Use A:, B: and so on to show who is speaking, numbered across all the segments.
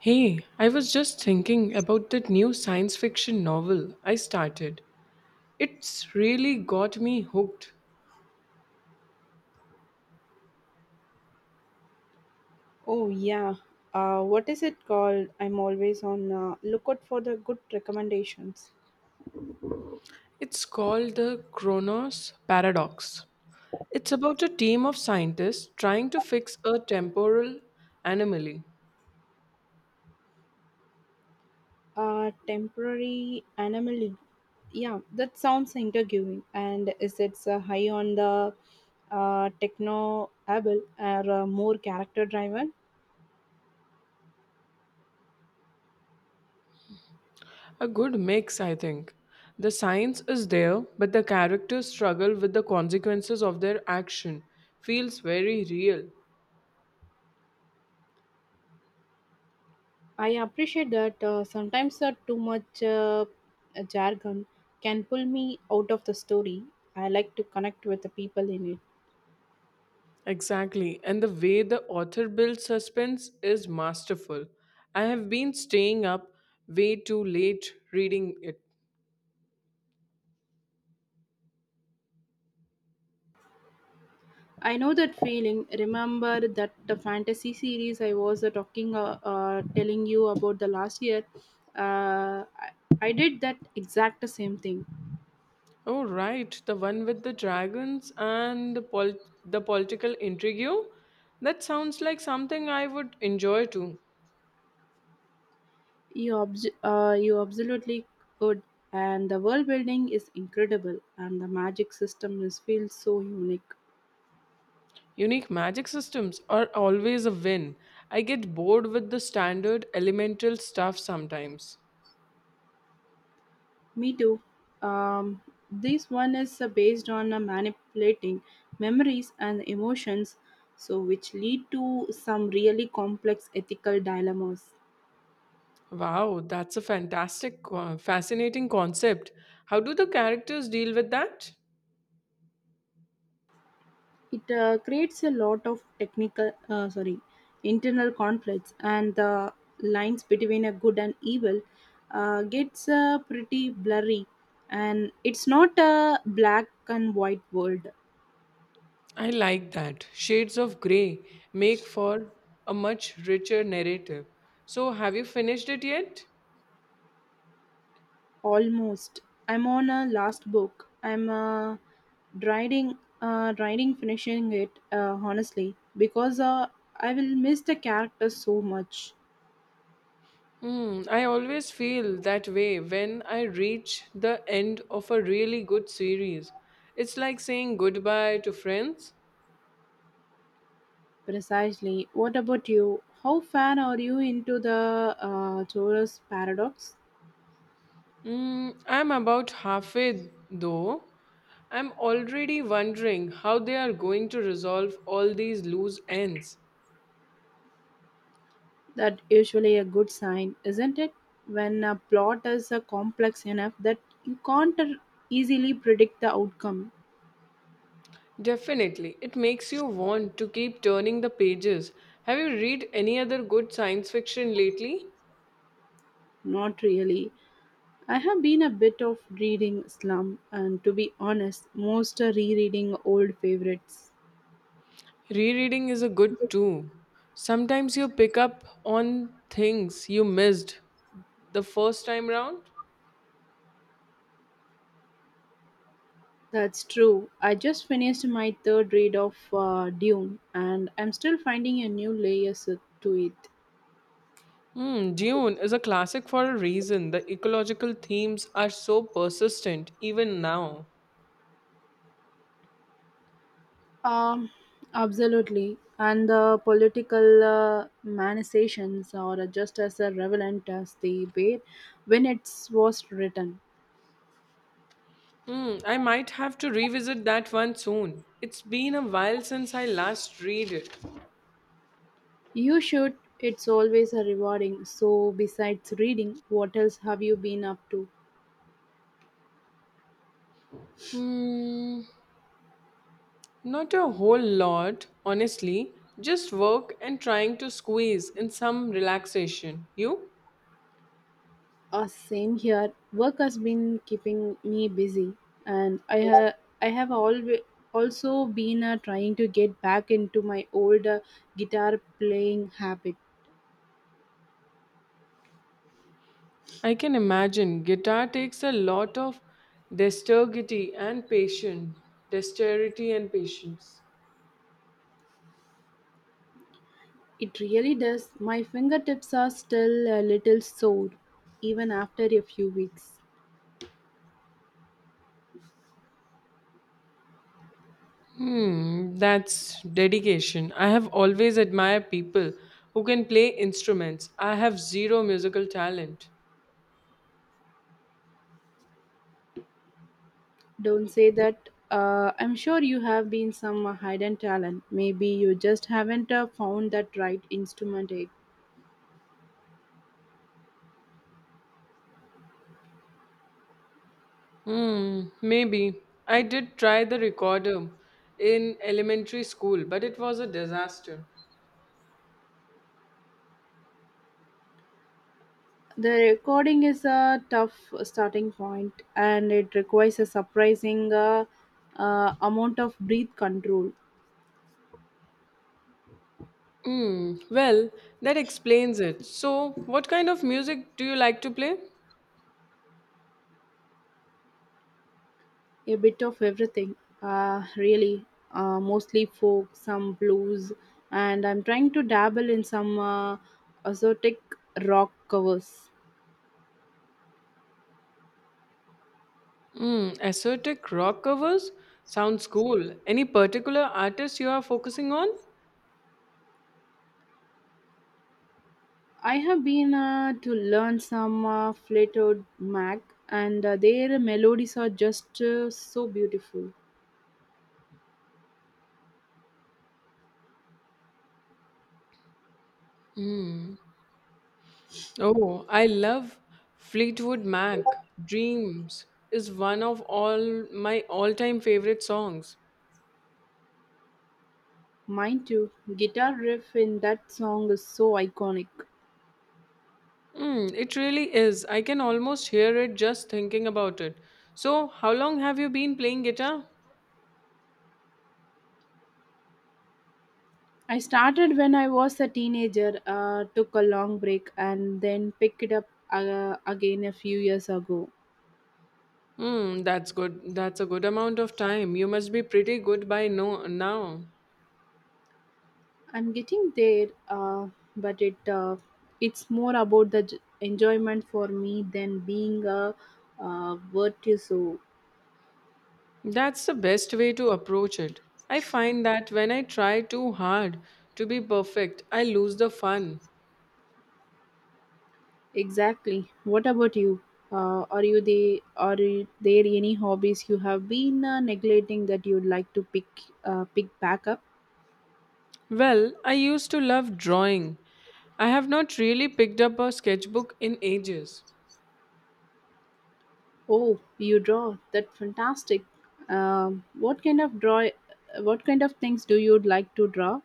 A: Hey, I was just thinking about that new science fiction novel I started. It's really got me hooked.
B: Oh yeah, what is it called? I'm always on lookout for the good recommendations.
A: It's called The Chronos Paradox. It's about a team of scientists trying to fix a temporal anomaly.
B: Temporary anomaly. Yeah, that sounds intriguing. And is it high on the techno able or more character driven?
A: A good mix, I think. The science is there, but the characters struggle with the consequences of their action. Feels very real.
B: I appreciate that sometimes too much jargon can pull me out of the story. I like to connect with the people in it.
A: Exactly. And the way the author builds suspense is masterful. I have been staying up way too late reading it.
B: I know that feeling. Remember that the fantasy series I was telling you about the last year. Uh, I, I did that exact same thing.
A: Oh, right. The one with the dragons and the political intrigue. That sounds like something I would enjoy too.
B: You absolutely could, and the world building is incredible, and the magic system is feels so unique.
A: Unique magic systems are always a win. I get bored with the standard elemental stuff sometimes.
B: Me too. Um, this one is based on manipulating memories and emotions, so which lead to some really complex ethical dilemmas.
A: Wow, that's a fascinating concept. How do the characters deal with that?
B: It creates a lot of technical sorry internal conflicts and the lines between a good and evil gets pretty blurry, and it's not a black and white world.
A: I like that. Shades of Grey make for a much richer narrative. So, have you finished it yet?
B: Almost. I'm on a last book. I'm uh, writing uh, writing finishing it honestly, because I will miss the characters so much.
A: Hmm, I always feel that way when I reach the end of a really good series. It's like saying goodbye to friends.
B: Precisely. What about you? How fan are you into the Taurus paradox?
A: Mm, I'm about halfway though. I'm already wondering how they are going to resolve all these loose ends.
B: That usually a good sign, isn't it? When a plot is complex enough that you can't easily predict the outcome.
A: Definitely. It makes you want to keep turning the pages. Have you read any other good science fiction lately?
B: Not really. I have been a bit of reading slump, and to be honest, most are rereading old favorites.
A: Rereading is a good too. Sometimes you pick up on things you missed the first time round.
B: That's true. I just finished my third read of Dune, and I'm still finding a new layers to it.
A: Hmm, Dune is a classic for a reason. The ecological themes are so persistent even now.
B: Um, Absolutely. And the political manifestations are just as relevant as the way when it was written.
A: Hmm, I might have to revisit that one soon. It's been a while since I last read it.
B: You should. It's always a rewarding. So, besides reading, what else have you been up to?
A: Hmm. Not a whole lot, honestly. Just work and trying to squeeze in some relaxation. You?
B: Same here. Work has been keeping me busy, and I have always also been trying to get back into my old guitar playing habit.
A: I can imagine. Guitar takes a lot of dexterity and patience. Dexterity and patience.
B: It really does. My fingertips are still a little sore, even after a few weeks.
A: Hmm, that's dedication. I have always admired people who can play instruments. I have zero musical talent.
B: Don't say that. I'm sure you have been some hidden talent. Maybe you just haven't found that right instrument yet.
A: Hmm, maybe. I did try the recorder in elementary school, but it was a disaster.
B: The recording is a tough starting point, and it requires a surprising amount of breath control.
A: Hmm. Well, that explains it. So, what kind of music do you like to play?
B: A bit of everything, really. Mostly folk, some blues, and I'm trying to dabble in some exotic rock covers.
A: Hmm. Ascetic rock covers? Sounds cool. Any particular artist you are focusing on?
B: I have been to learn some Fleetwood Mac, and their melodies are just so beautiful.
A: Oh, I love Fleetwood Mac. Dreams is one of all my all-time favorite songs.
B: Mind you, guitar riff in that song is so iconic.
A: Mm, it really is. I can almost hear it just thinking about it. So, how long have you been playing guitar?
B: I started when I was a teenager, took a long break, and then picked it up again a few years ago.
A: Hmm, that's good. That's a good amount of time. You must be pretty good by no now.
B: I'm getting there, but it's more about the enjoyment for me than being a virtuoso.
A: That's the best way to approach it. I find that when I try too hard to be perfect, I lose the fun.
B: Exactly. What about you? Are you the are you- There any hobbies you have been neglecting that you'd like to pick back up?
A: Well, I used to love drawing. I have not really picked up a sketchbook in ages.
B: Oh, you draw. That's fantastic. What kind of draw? What kind of things do you like to draw?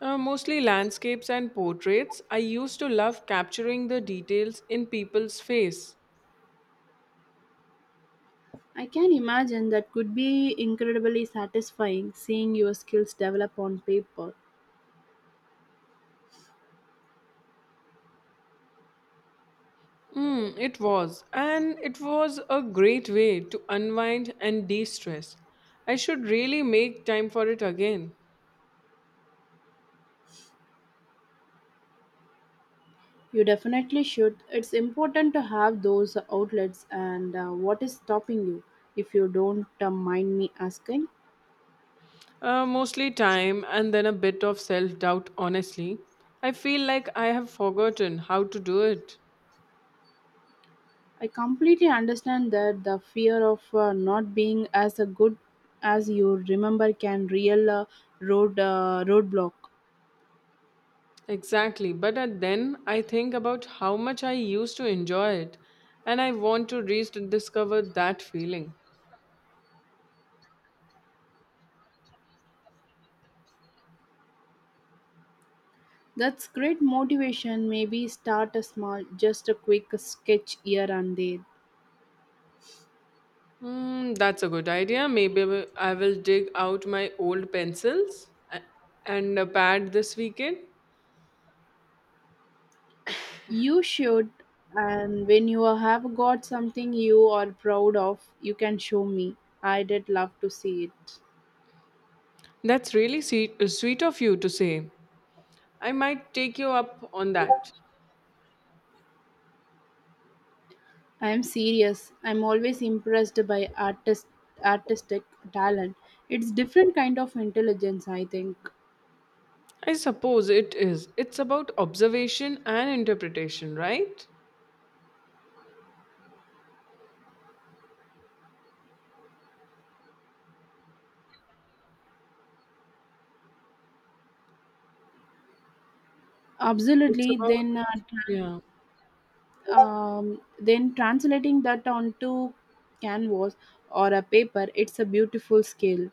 A: Mostly landscapes and portraits. I used to love capturing the details in people's face.
B: I can imagine that could be incredibly satisfying seeing your skills develop on paper.
A: Mm, it was, and it was a great way to unwind and de stress. I should really make time for it again.
B: You definitely should. It's important to have those outlets, and what is stopping you if you don't mind me asking.
A: Mostly time and then a bit of self doubt, honestly. I feel like I have forgotten how to do it.
B: I completely understand that the fear of not being as a good as you remember can real road roadblock.
A: Exactly, but at then I think about how much I used to enjoy it, and I want to rediscover that feeling.
B: That's great motivation. Maybe start a small, just a quick sketch here and there.
A: Hmm, that's a good idea. I will dig out my old pencils a- and a pad this weekend.
B: You should, and when you have got something you are proud of, you can show me. I did love to see it.
A: That's really sweet, sweet of you to say. I might take you up on that.
B: I am serious. I'm always impressed by artistic talent. It's different kind of intelligence, I think.
A: I suppose it is. It's about observation and interpretation, right? It's
B: Absolutely.
A: about,
B: Then, uh, tran-
A: yeah.
B: um, then translating that onto canvas or a paper, it's a beautiful skill.